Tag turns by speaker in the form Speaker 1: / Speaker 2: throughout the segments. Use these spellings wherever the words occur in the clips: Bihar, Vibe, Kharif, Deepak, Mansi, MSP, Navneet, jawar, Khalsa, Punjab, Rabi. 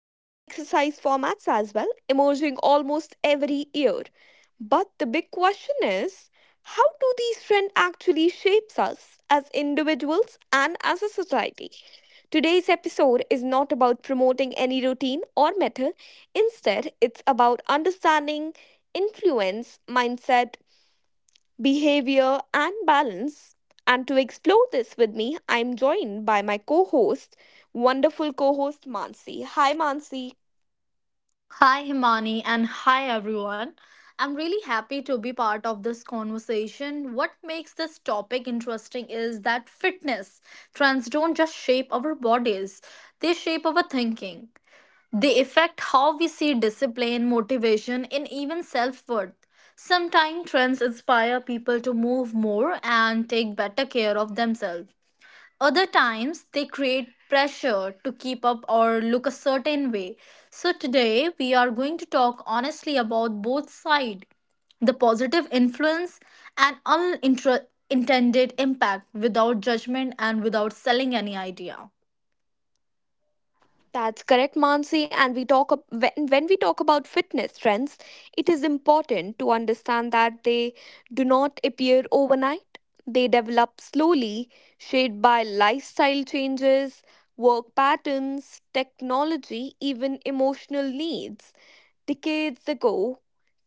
Speaker 1: and new exercise formats as well, emerging almost every year. But the big question is, how do these trends actually shapes us as individuals and as a society? Today's episode is not about promoting any routine or method. Instead, it's about understanding influence, mindset, behavior, and balance. And to explore this with me, I'm joined by my co host, wonderful co host Mansi. Hi, Mansi.
Speaker 2: Hi, Himani, and hi, everyone. I'm really happy to be part of this conversation. What makes this topic interesting is that fitness trends don't just shape our bodies, they shape our thinking. They affect how we see discipline, motivation, and even self worth. Sometimes trends inspire people to move more and take better care of themselves. Other times, they create pressure to keep up or look a certain way. So, today we are going to talk honestly about both sides the positive influence and unintended impact without judgment and without selling any idea.
Speaker 1: That's correct, Mansi. And when we talk about fitness trends, it is important to understand that they do not appear overnight. They develop slowly, shaped by lifestyle changes, work patterns, technology, even emotional needs. Decades ago,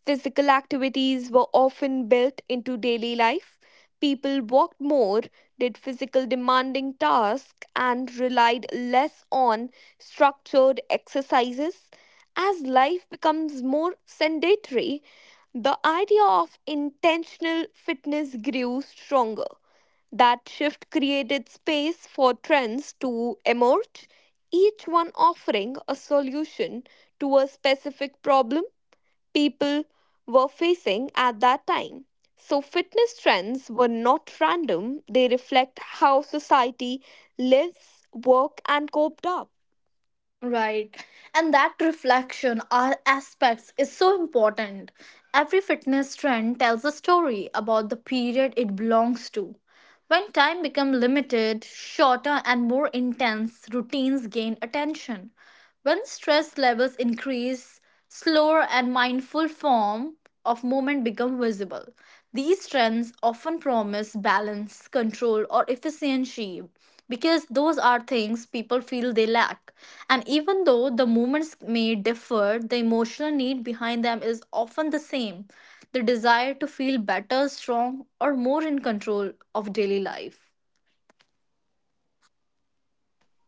Speaker 1: physical activities were often built into daily life. People walked more, did physical demanding tasks, and relied less on structured exercises. As life becomes more sedentary, the idea of intentional fitness grew stronger. That shift created space for trends to emerge, each one offering a solution to a specific problem people were facing at that time. So, fitness trends were not random, they reflect how society lives, work, and coped up.
Speaker 2: Right. And that reflection or aspects is so important. Every fitness trend tells a story about the period it belongs to. When time becomes limited, shorter and more intense routines gain attention. When stress levels increase, slower and mindful form of movement become visible. These trends often promise balance, control, or efficiency because those are things people feel they lack. And even though the movements may differ, the emotional need behind them is often the same the desire to feel better, strong, or more in control of daily life.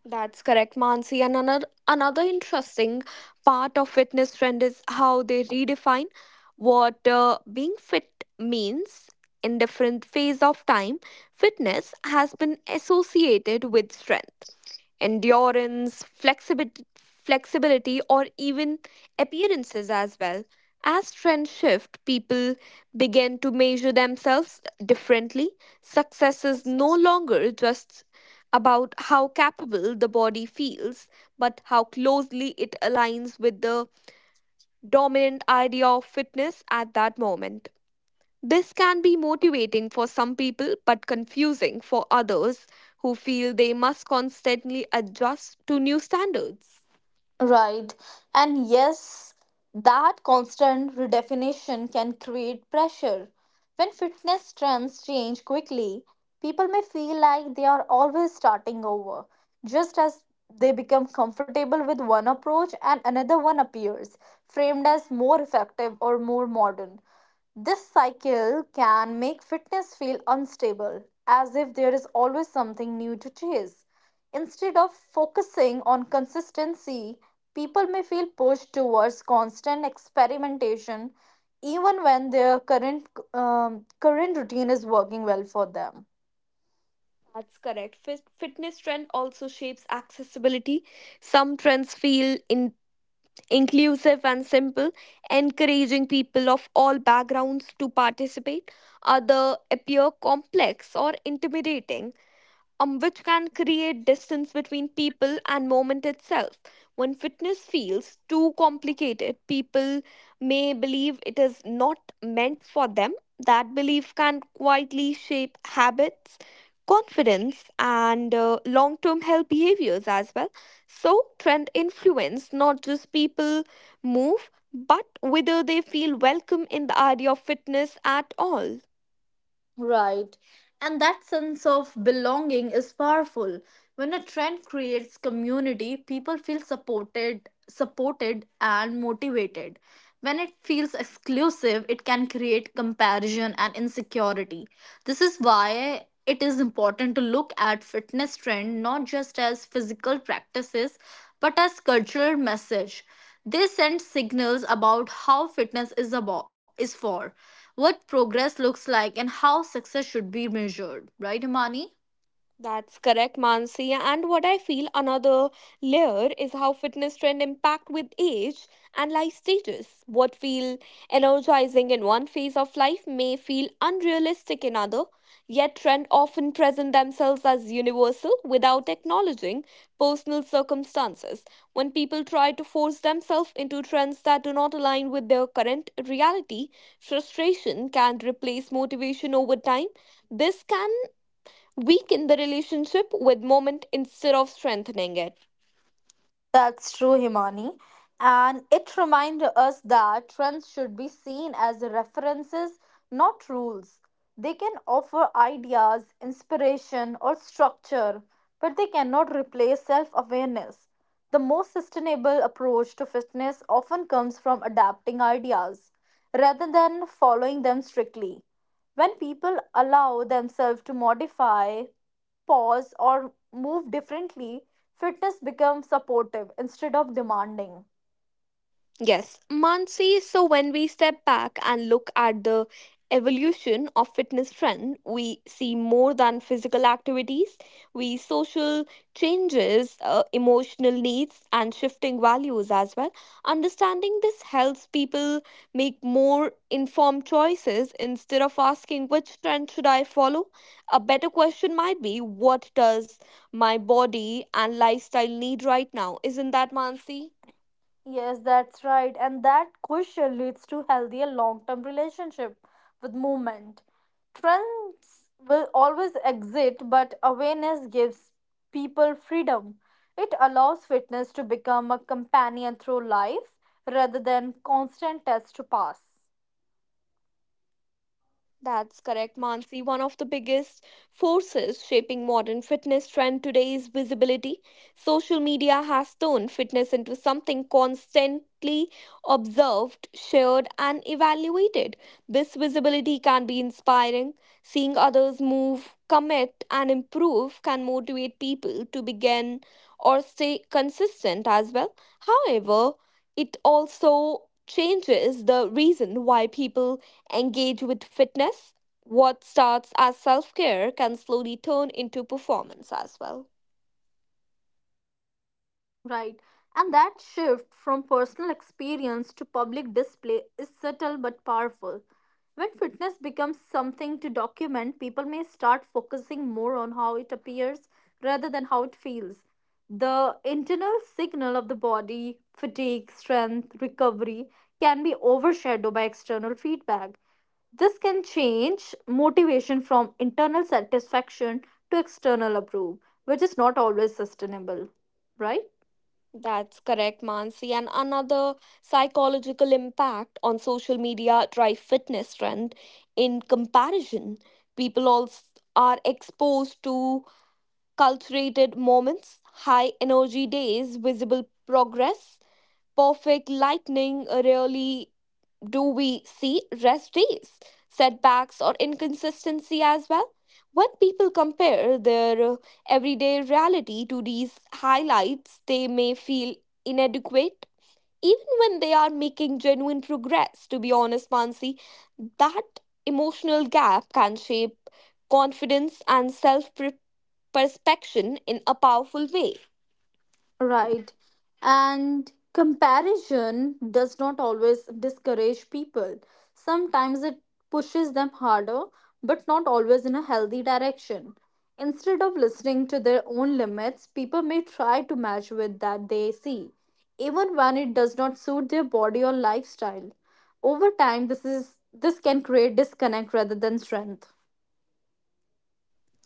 Speaker 1: That's correct, Mansi. And another interesting part of fitness trend is how they redefine what being fit means in different phase of time. Fitness has been associated with strength, endurance, flexibility or even appearances as well. As trends shift, people begin to measure themselves differently. Success is no longer just about how capable the body feels, but how closely it aligns with the dominant idea of fitness at that moment. This can be motivating for some people but confusing for others who feel they must constantly adjust to new standards.
Speaker 2: Right. And yes, that constant redefinition can create pressure. When fitness trends change quickly, people may feel like they are always starting over. Just as they become comfortable with one approach and another one appears, framed as more effective or more modern. This cycle can make fitness feel unstable, as if there is always something new to chase. Instead of focusing on consistency, people may feel pushed towards constant experimentation even when their current routine is working well for them.
Speaker 1: That's correct. Fitness trend also shapes accessibility. Some trends feel inclusive and simple, encouraging people of all backgrounds to participate. Other appear complex or intimidating, which can create distance between people and moment itself. When fitness feels too complicated, people may believe it is not meant for them. That belief can quietly shape habits, confidence, and long term health behaviors as well. So, trend influence not just people move, but whether they feel welcome in the idea of fitness at all.
Speaker 2: Right. And that sense of belonging is powerful. When a trend creates community, people feel supported and motivated. When it feels exclusive, it can create comparison and insecurity. This is why it is important to look at fitness trend not just as physical practices but as cultural message. They send signals about how fitness is about is for, what progress looks like and how success should be measured, right Imani?
Speaker 1: That's correct, Mansi. And what I feel another layer is how fitness trend impact with age and life stages. What feel energizing in one phase of life may feel unrealistic in other, yet trend often present themselves as universal without acknowledging personal circumstances. When people try to force themselves into trends that do not align with their current reality, frustration can replace motivation over time. This can weaken the relationship with moment instead of strengthening it.
Speaker 2: That's true, Himani. And it reminds us that trends should be seen as references, not rules. They can offer ideas, inspiration, or structure, but they cannot replace self awareness. The most sustainable approach to fitness often comes from adapting ideas rather than following them strictly. When people allow themselves to modify pause or move differently, fitness becomes supportive instead of demanding.
Speaker 1: Yes, Mansi. So when we step back and look at the evolution of fitness trend, we see more than physical activities. We social changes, emotional needs, and shifting values as well. Understanding this helps people make more informed choices instead of asking which trend should I follow. A better question might be, what does my body and lifestyle need right now? Isn't that, Mansi?
Speaker 2: Yes, that's right. And that question leads to healthier long term relationship with movement. Trends will always exist, but awareness gives people freedom. It allows fitness to become a companion through life rather than constant test to pass.
Speaker 1: That's correct, Mansi. One of the biggest forces shaping modern fitness trend today is visibility. Social media has turned fitness into something constantly observed, shared, and evaluated. This visibility can be inspiring. Seeing others move, commit, and improve can motivate people to begin or stay consistent as well. However, it also changes the reason why people engage with fitness. What starts as self care can slowly turn into performance as well.
Speaker 2: Right. And that shift from personal experience to public display is subtle but powerful. When fitness becomes something to document, people may start focusing more on how it appears rather than how it feels. The internal signal of the body, fatigue, strength, recovery, can be overshadowed by external feedback. This can change motivation from internal satisfaction to external approval, which is not always sustainable, right?
Speaker 1: That's correct, Mansi. And another psychological impact on social media drive fitness trend in comparison. People also are exposed to cultivated moments, high energy days, visible progress, perfect lightning. Really, do we see rest days, setbacks, or inconsistency as well? When people compare their everyday reality to these highlights, they may feel inadequate. Even when they are making genuine progress, to be honest, Mansi, that emotional gap can shape confidence and self perception in a powerful way.
Speaker 2: Right. And comparison does not always discourage people. Sometimes it pushes them harder, but not always in a healthy direction. Instead of listening to their own limits, people may try to match with that they see, even when it does not suit their body or lifestyle. Over time, this can create disconnect rather than strength.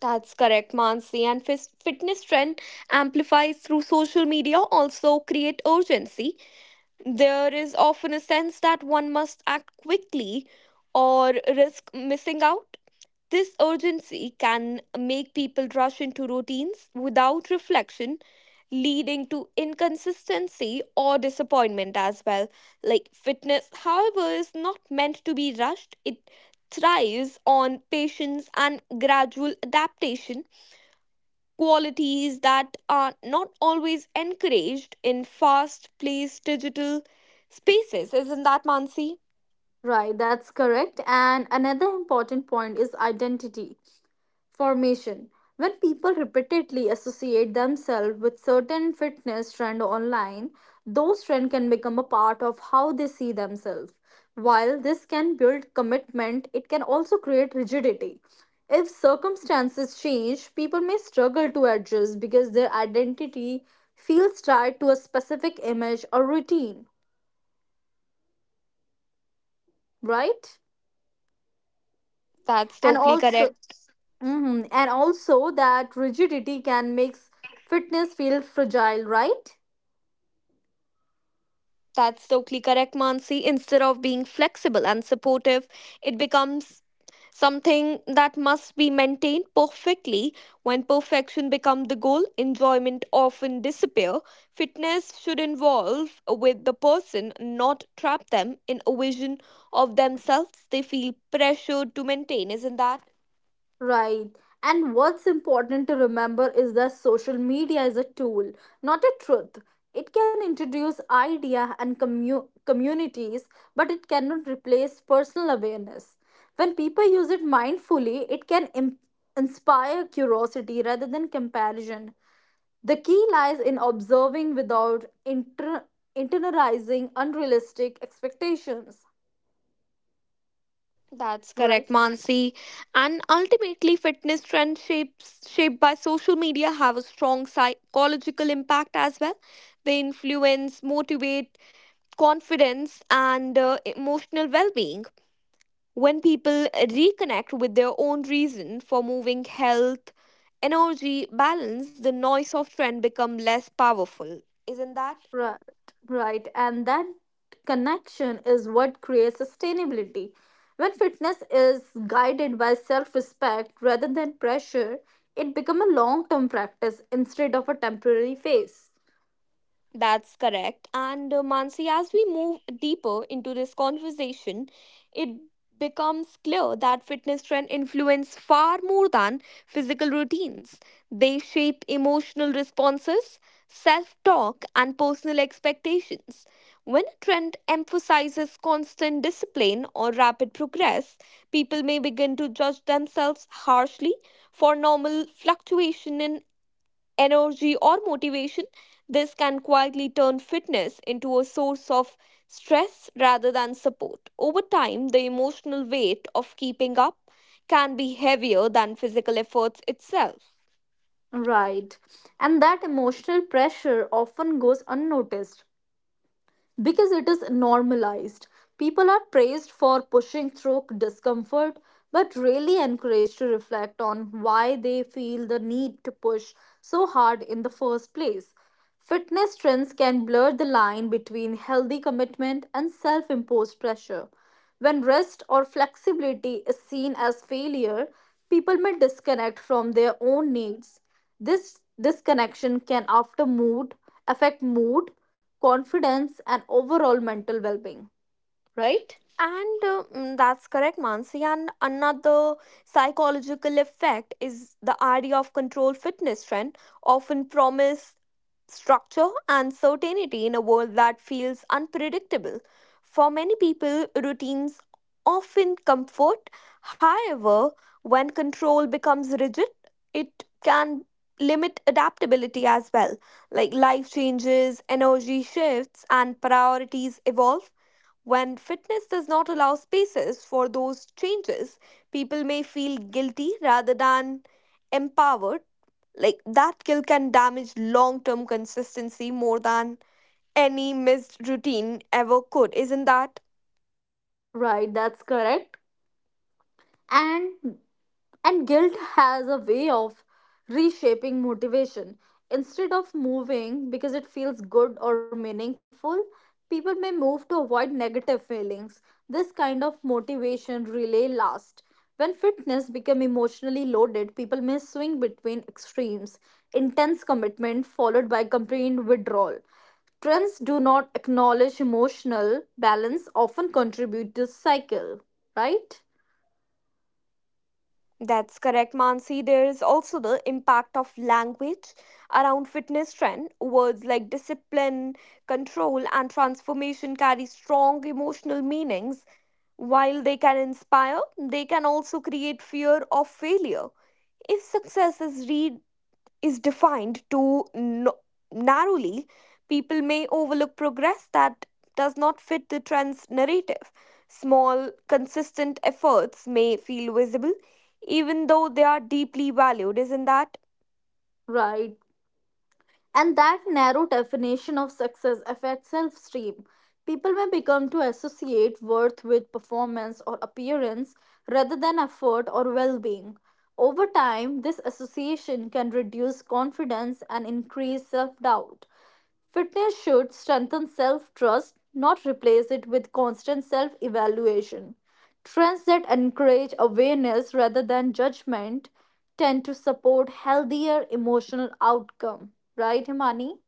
Speaker 1: That's correct, Mansi. And fitness trend amplifies through social media also create urgency. There is often a sense that one must act quickly or risk missing out. This urgency can make people rush into routines without reflection, leading to inconsistency or disappointment as well. Like fitness, however, is not meant to be rushed, it thrives on patience and gradual adaptation qualities that are not always encouraged in fast paced digital spaces. Isn't that, Mansi?
Speaker 2: Right, that's correct. And another important point is identity. Formation. When people repeatedly associate themselves with certain fitness trend online, those trends can become a part of how they see themselves. While this can build commitment, it can also create rigidity. If circumstances change, people may struggle to adjust because their identity feels tied to a specific image or routine, right?
Speaker 1: That's
Speaker 2: And
Speaker 1: totally
Speaker 2: also,
Speaker 1: correct.
Speaker 2: that rigidity can make fitness feel fragile, right?
Speaker 1: That's totally correct, Mansi. Instead of being flexible and supportive, it becomes something that must be maintained perfectly. When perfection becomes the goal, enjoyment often disappear. Fitness should involve with the person, not trap them in a vision of themselves they feel pressured to maintain. Isn't that?
Speaker 2: Right. And what's important to remember is that social media is a tool, not a truth. It can introduce idea and communities, but it cannot replace personal awareness. When people use it mindfully, it can inspire curiosity rather than comparison. The key lies in observing without internalizing unrealistic expectations.
Speaker 1: That's
Speaker 2: Right,
Speaker 1: correct, Mansi. And ultimately, shaped by social media have a strong psychological impact as well. They influence, motivate, confidence, and emotional well being. When people reconnect with their own reason for moving, health, energy, balance, the noise of trend become less powerful. Isn't that?
Speaker 2: right, right. And that connection is what creates sustainability. When fitness is guided by self respect rather than pressure, it becomes a long term practice instead of a temporary phase.
Speaker 1: That's correct. And Mansi, as we move deeper into this conversation, it becomes clear that fitness trends influence far more than physical routines. They shape emotional responses, self talk, and personal expectations. When a trend emphasizes constant discipline or rapid progress, people may begin to judge themselves harshly for normal fluctuation in energy, or motivation, this can quietly turn fitness into a source of stress rather than support. Over time, the emotional weight of keeping up can be heavier than physical efforts itself.
Speaker 2: Right. And that emotional pressure often goes unnoticed, because it is normalized. People are praised for pushing through discomfort, but really encouraged to reflect on why they feel the need to push so hard in the first place. Fitness trends can blur the line between healthy commitment and self imposed pressure. When rest or flexibility is seen as failure, people may disconnect from their own needs. This disconnection can after mood affect mood, confidence and overall mental well-being, right?
Speaker 1: And that's correct, Mansi. And another psychological effect is the idea of control fitness trend, often promise structure and certainty in a world that feels unpredictable. For many people, routines often comfort. However, when control becomes rigid, it can limit adaptability as well. Like life changes, energy shifts, and priorities evolve. When fitness does not allow spaces for those changes, people may feel guilty rather than empowered. Like that guilt can damage long term consistency more than any missed routine ever could, isn't that?
Speaker 2: Right, that's correct. and and guilt has a way of reshaping motivation, instead of moving because it feels good or meaningful, people may move to avoid negative feelings. This kind of motivation relay lasts. When fitness becomes emotionally loaded, people may swing between extremes, intense commitment followed by complete withdrawal. Trends do not acknowledge emotional balance often contribute to cycle, right
Speaker 1: That's correct, Mansi. There is also the impact of language around fitness trend. Words like discipline, control, and transformation carry strong emotional meanings. While they can inspire, they can also create fear of failure. If success is read is defined too narrowly, people may overlook progress that does not fit the trend's narrative. Small, consistent efforts may feel visible, even though they are deeply valued. Isn't that?
Speaker 2: right. And that narrow definition of success affects self esteem. People may become to associate worth with performance or appearance rather than effort or well being. Over time, this association can reduce confidence and increase self doubt. Fitness should strengthen self trust, not replace it with constant self evaluation. Trends that encourage awareness rather than judgment tend to support healthier emotional outcome. Right, Himani?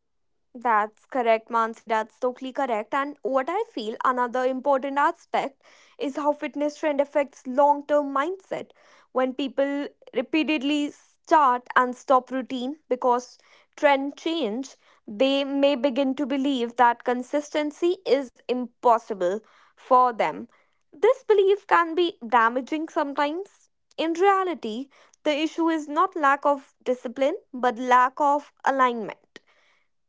Speaker 1: That's correct, Mansi. That's totally correct. And what I feel another important aspect is how fitness trend affects long term mindset. When people repeatedly start and stop routine because trend change, they may begin to believe that consistency is impossible for them. This belief can be damaging sometimes. In reality, the issue is not lack of discipline but lack of alignment.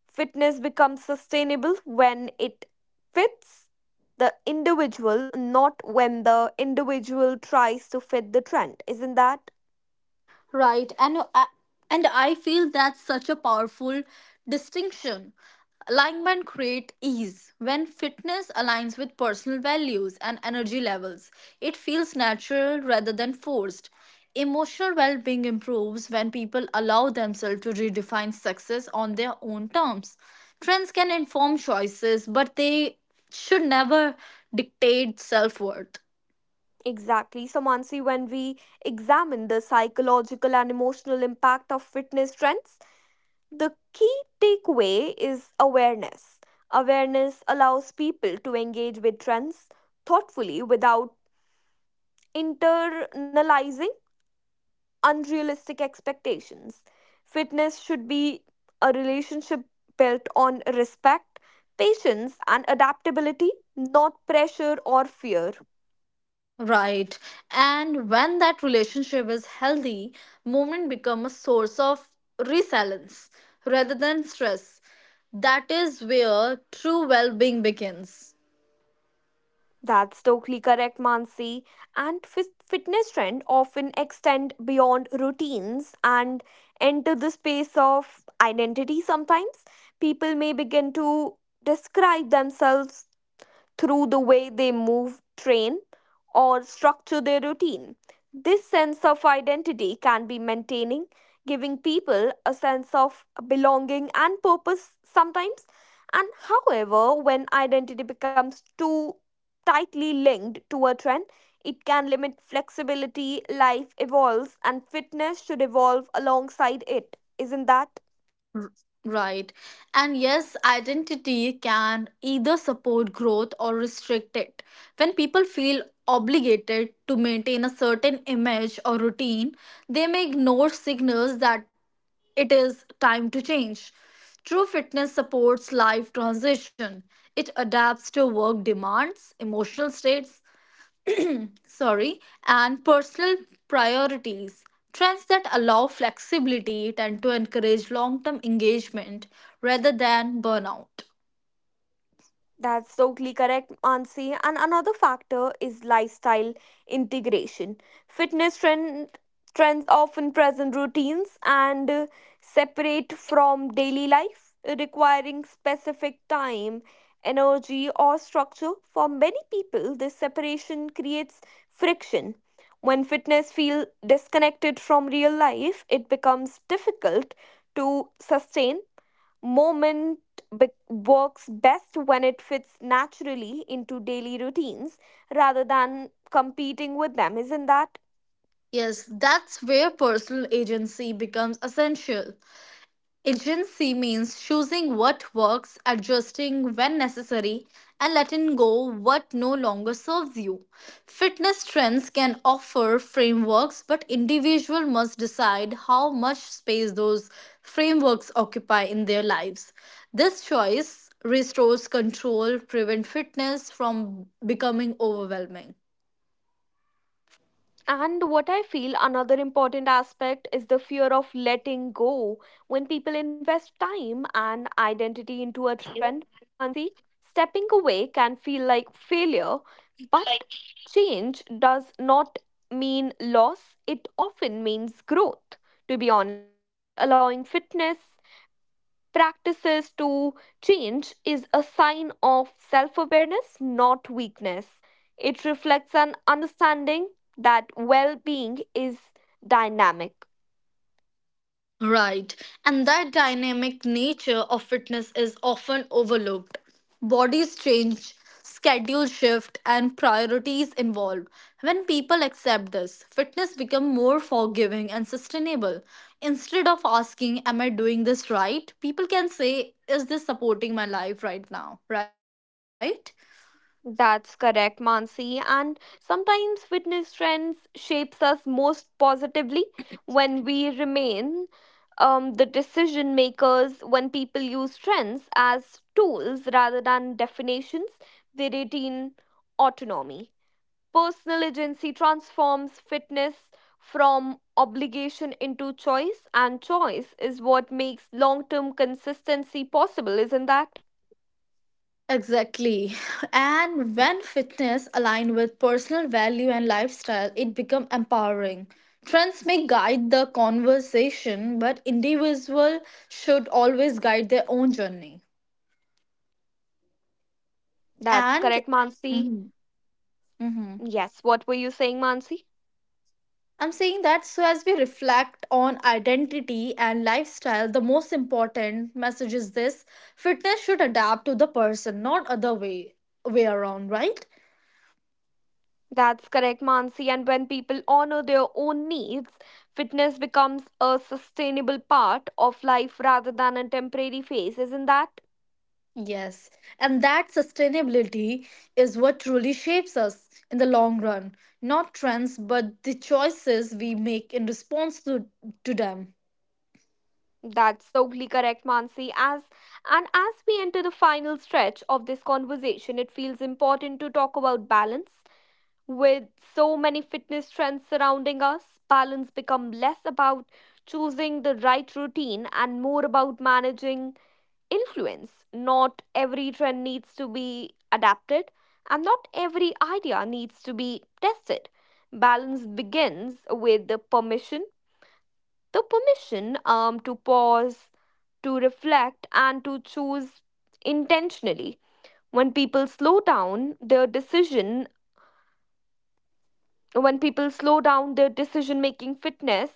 Speaker 1: Fitness becomes sustainable when it fits the individual, not when the individual tries to fit the trend. Isn't that?
Speaker 2: Right. And I feel that's such a powerful distinction. Alignment create ease. When fitness aligns with personal values and energy levels, it feels natural rather than forced. Emotional well-being improves when people allow themselves to redefine success on their own terms. Trends can inform choices, but they should never dictate self-worth.
Speaker 1: Exactly. So, Mansi, when we examine the psychological and emotional impact of fitness trends, the key takeaway is awareness. Awareness allows people to engage with trends thoughtfully without internalizing unrealistic expectations. Fitness should be a relationship built on respect, patience, and adaptability, not pressure or fear.
Speaker 2: Right. And when that relationship is healthy, movement become a source of resilience rather than stress. That is where true well-being begins.
Speaker 1: That's totally correct, Mansi. And fitness trend often extend beyond routines and enter the space of identity sometimes. People may begin to describe themselves through the way they move, train, or structure their routine. This sense of identity can be maintaining, giving people a sense of belonging and purpose sometimes. And however, when identity becomes too tightly linked to a trend, it can limit flexibility, life evolves, and fitness should evolve alongside it. Isn't that?
Speaker 2: Right. And yes, identity can either support growth or restrict it. When people feel obligated to maintain a certain image or routine, they may ignore signals that it is time to change. True fitness supports life transition. It adapts to work demands, emotional states, sorry, and personal priorities. Trends that allow flexibility tend to encourage long term engagement rather than burnout.
Speaker 1: That's totally correct, Ansi. And another factor is lifestyle integration. Fitness trend, trends often present routines and separate from daily life, requiring specific time, energy, or structure. For many people, this separation creates friction. When fitness feels disconnected from real life, it becomes difficult to sustain. Moment works best when it fits naturally into daily routines rather than competing with them, isn't that?
Speaker 2: Yes, that's where personal agency becomes essential. Agency means choosing what works, adjusting when necessary, and letting go what no longer serves you. Fitness trends can offer frameworks, but individual must decide how much space those frameworks occupy in their lives. This choice restores control, prevent fitness from becoming overwhelming.
Speaker 1: And what I feel another important aspect is the fear of letting go. When people invest time and identity into a trend, Mansi, stepping away can feel like failure, but change does not mean loss, it often means growth. To be honest, allowing fitness practices to change is a sign of self awareness, not weakness. It reflects an understanding that well being is dynamic.
Speaker 2: Right, and that dynamic nature of fitness is often overlooked. Bodies change, schedules shift, and priorities evolve. When people accept this, fitness becomes more forgiving and sustainable. Instead of asking, "Am I doing this right?" people can say, "Is this supporting my life right now?" Right?
Speaker 1: That's correct, Mansi. And sometimes fitness trends shapes us most positively when we remain the decision makers, when people use trends as tools rather than definitions, they retain autonomy. Personal agency transforms fitness from obligation into choice, and choice is what makes long term consistency possible, isn't that?
Speaker 2: Exactly. And when fitness align with personal value and lifestyle, it become empowering. Trends may guide the conversation, but individual should always guide their own journey.
Speaker 1: That's
Speaker 2: And
Speaker 1: correct, Mansi.
Speaker 2: Mhm, mhm.
Speaker 1: Yes, what were you saying, Mansi?
Speaker 2: I'm saying that so as we reflect on identity and lifestyle, the most important message is this fitness should adapt to the person, not other way around, right?
Speaker 1: That's correct, Mansi. And when people honor their own needs, fitness becomes a sustainable part of life rather than a temporary phase, isn't that?
Speaker 2: Yes, and that sustainability is what truly shapes us in the long run, not trends, but the choices we make in response to them.
Speaker 1: That's totally correct, Mansi. As and as we enter the final stretch of this conversation, it feels important to talk about balance. With so many fitness trends surrounding us, balance become less about choosing the right routine and more about managing influence. Not every trend needs to be adapted, and not every idea needs to be tested. Balance begins with the permission to pause, to reflect, and to choose intentionally. When people slow down their decision, when people slow down their decision making, fitness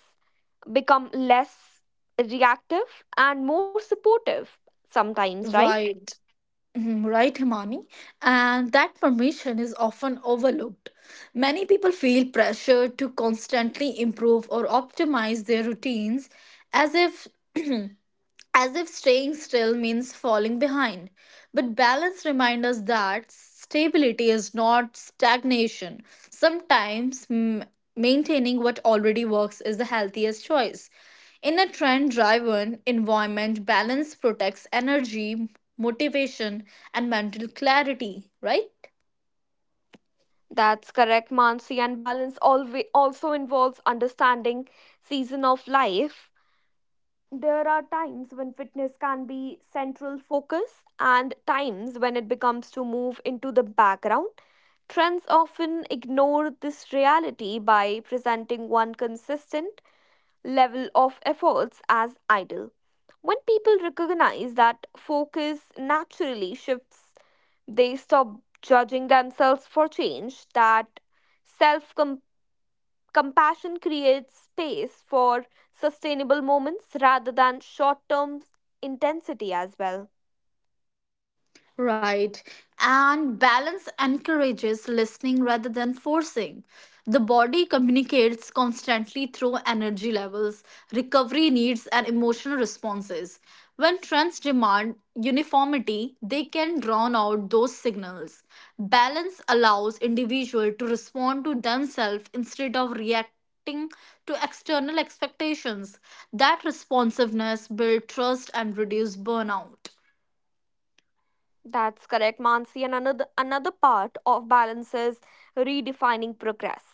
Speaker 1: become less reactive and more supportive sometimes, right?
Speaker 2: Right. Mhm, right, Himani. And that permission is often overlooked. Many people feel pressure to constantly improve or optimize their routines as if as if staying still means falling behind. But balance reminds us that stability is not stagnation. Sometimes maintaining what already works is the healthiest choice. In a trend driven environment, balance protects energy, motivation, and mental clarity, right?
Speaker 1: That's correct, Mansi. And balance always also involves understanding season of life. There are times when fitness can be central focus and times when it becomes to move into the background. Trends often ignore this reality by presenting one consistent level of efforts as idle. When people recognize that focus naturally shifts, they stop judging themselves for change. That self compassion creates space for sustainable moments rather than short term intensity as well.
Speaker 2: Right. And balance encourages listening rather than forcing. The body communicates constantly through energy levels, recovery needs, and emotional responses. When trends demand uniformity, they can drown out those signals. Balance allows individual to respond to themselves instead of reacting to external expectations. That responsiveness builds trust and reduces burnout.
Speaker 1: That's correct, Mansi. And another part of balance is redefining progress.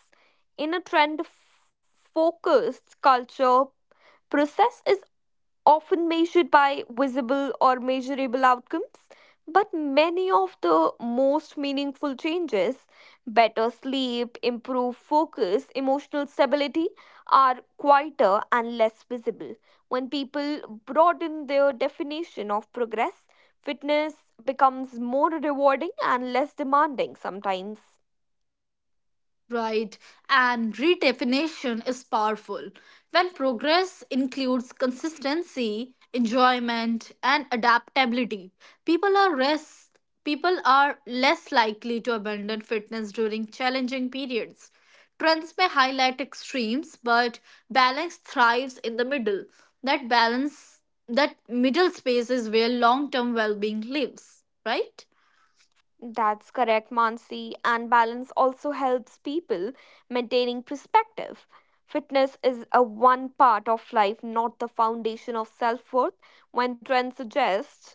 Speaker 1: In a focused culture, process is often measured by visible or measurable outcomes. But many of the most meaningful changes, better sleep, improved focus, emotional stability, are quieter and less visible. When people broaden their definition of progress, fitness becomes more rewarding and less demanding sometimes.
Speaker 2: Right, and redefinition is powerful. When progress includes consistency, enjoyment, and adaptability, people are less people are less likely to abandon fitness during challenging periods. Trends may highlight extremes, but balance thrives in the middle. That balance that middle space is where long-term well-being lives, right?
Speaker 1: That's correct, Mansi. And balance also helps people maintaining perspective. Fitness is a one part of life, not the foundation of self worth, when trends suggest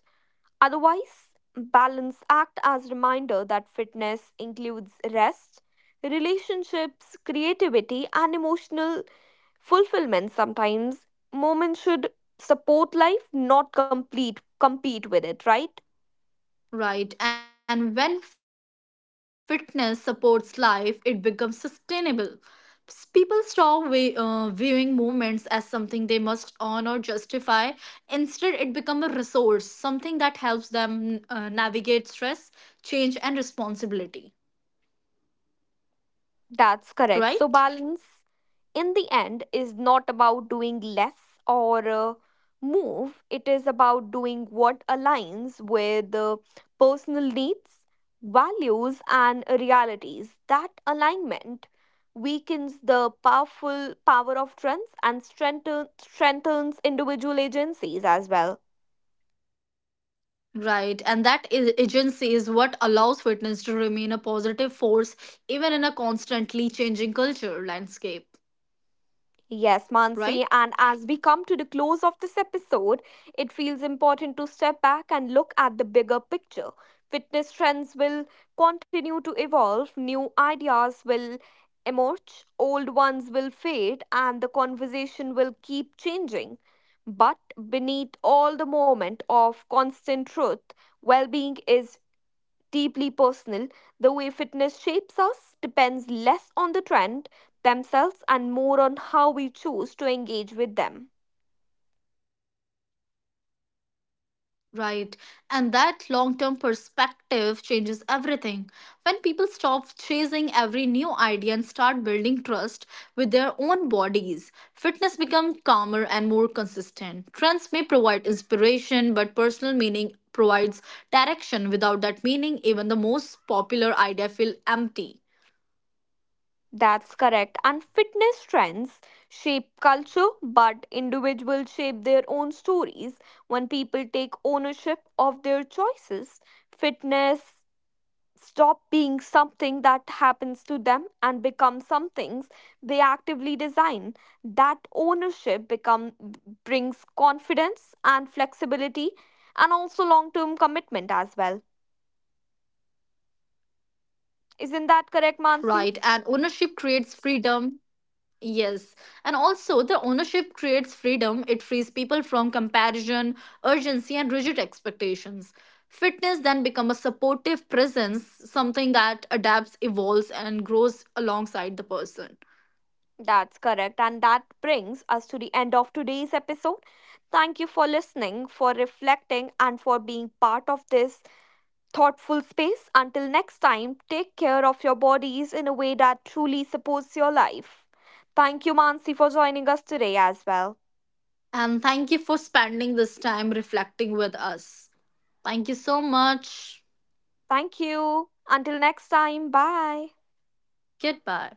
Speaker 1: otherwise. Balance act as reminder that fitness includes rest, relationships, creativity, and emotional fulfillment. Sometimes moments should support life, not complete compete with it, right?
Speaker 2: Right, and when fitness supports life, it becomes sustainable. People stop viewing movements as something they must earn or justify. Instead, it becomes a resource, something that helps them navigate stress, change, and responsibility.
Speaker 1: That's correct. So, balance
Speaker 2: Right?
Speaker 1: in the end is not about doing less or move, it is about doing what aligns with the personal needs, values, and realities. That alignment weakens the powerful power of trends and strengthens individual agencies as well.
Speaker 2: Right, and that agency is what allows fitness to remain a positive force even in a constantly changing culture landscape.
Speaker 1: Yes, Mansi,
Speaker 2: Right?
Speaker 1: and as we come to the close of this episode, it feels important to step back and look at the bigger picture. Fitness trends will continue to evolve, new ideas will emerge, old ones will fade, and the conversation will keep changing. But beneath all the moment of constant truth, well being is deeply personal. The way fitness shapes us depends less on the trend themselves and more on how we choose to engage with them.
Speaker 2: Right. And that long term perspective changes everything. When people stop chasing every new idea and start building trust with their own bodies, fitness becomes calmer and more consistent. Trends may provide inspiration, but personal meaning provides direction. Without that meaning, even the most popular idea feel empty.
Speaker 1: That's correct. And fitness trends shape culture, but individuals shape their own stories. When people take ownership of their choices, fitness stop being something that happens to them and become some things they actively design. That ownership become brings confidence and flexibility and also long term commitment as well,
Speaker 2: Right. And
Speaker 1: isn't that
Speaker 2: ownership
Speaker 1: correct,
Speaker 2: creates
Speaker 1: Mansi?
Speaker 2: freedom. Yes, and also the ownership creates freedom. It frees people from comparison, urgency, and rigid expectations. Fitness then become a supportive presence, something that adapts, evolves, and grows alongside the person.
Speaker 1: That's correct, and that brings us to the end of today's episode. Thank you for listening, for reflecting, and for being part of this thoughtful space. Until next time, take care of your bodies in a way that truly supports your life. Thank you, Mansi, for joining us today as well.
Speaker 2: And thank you for spending this time reflecting with us. Thank you so much.
Speaker 1: Thank you. Until next time, bye.
Speaker 2: Goodbye.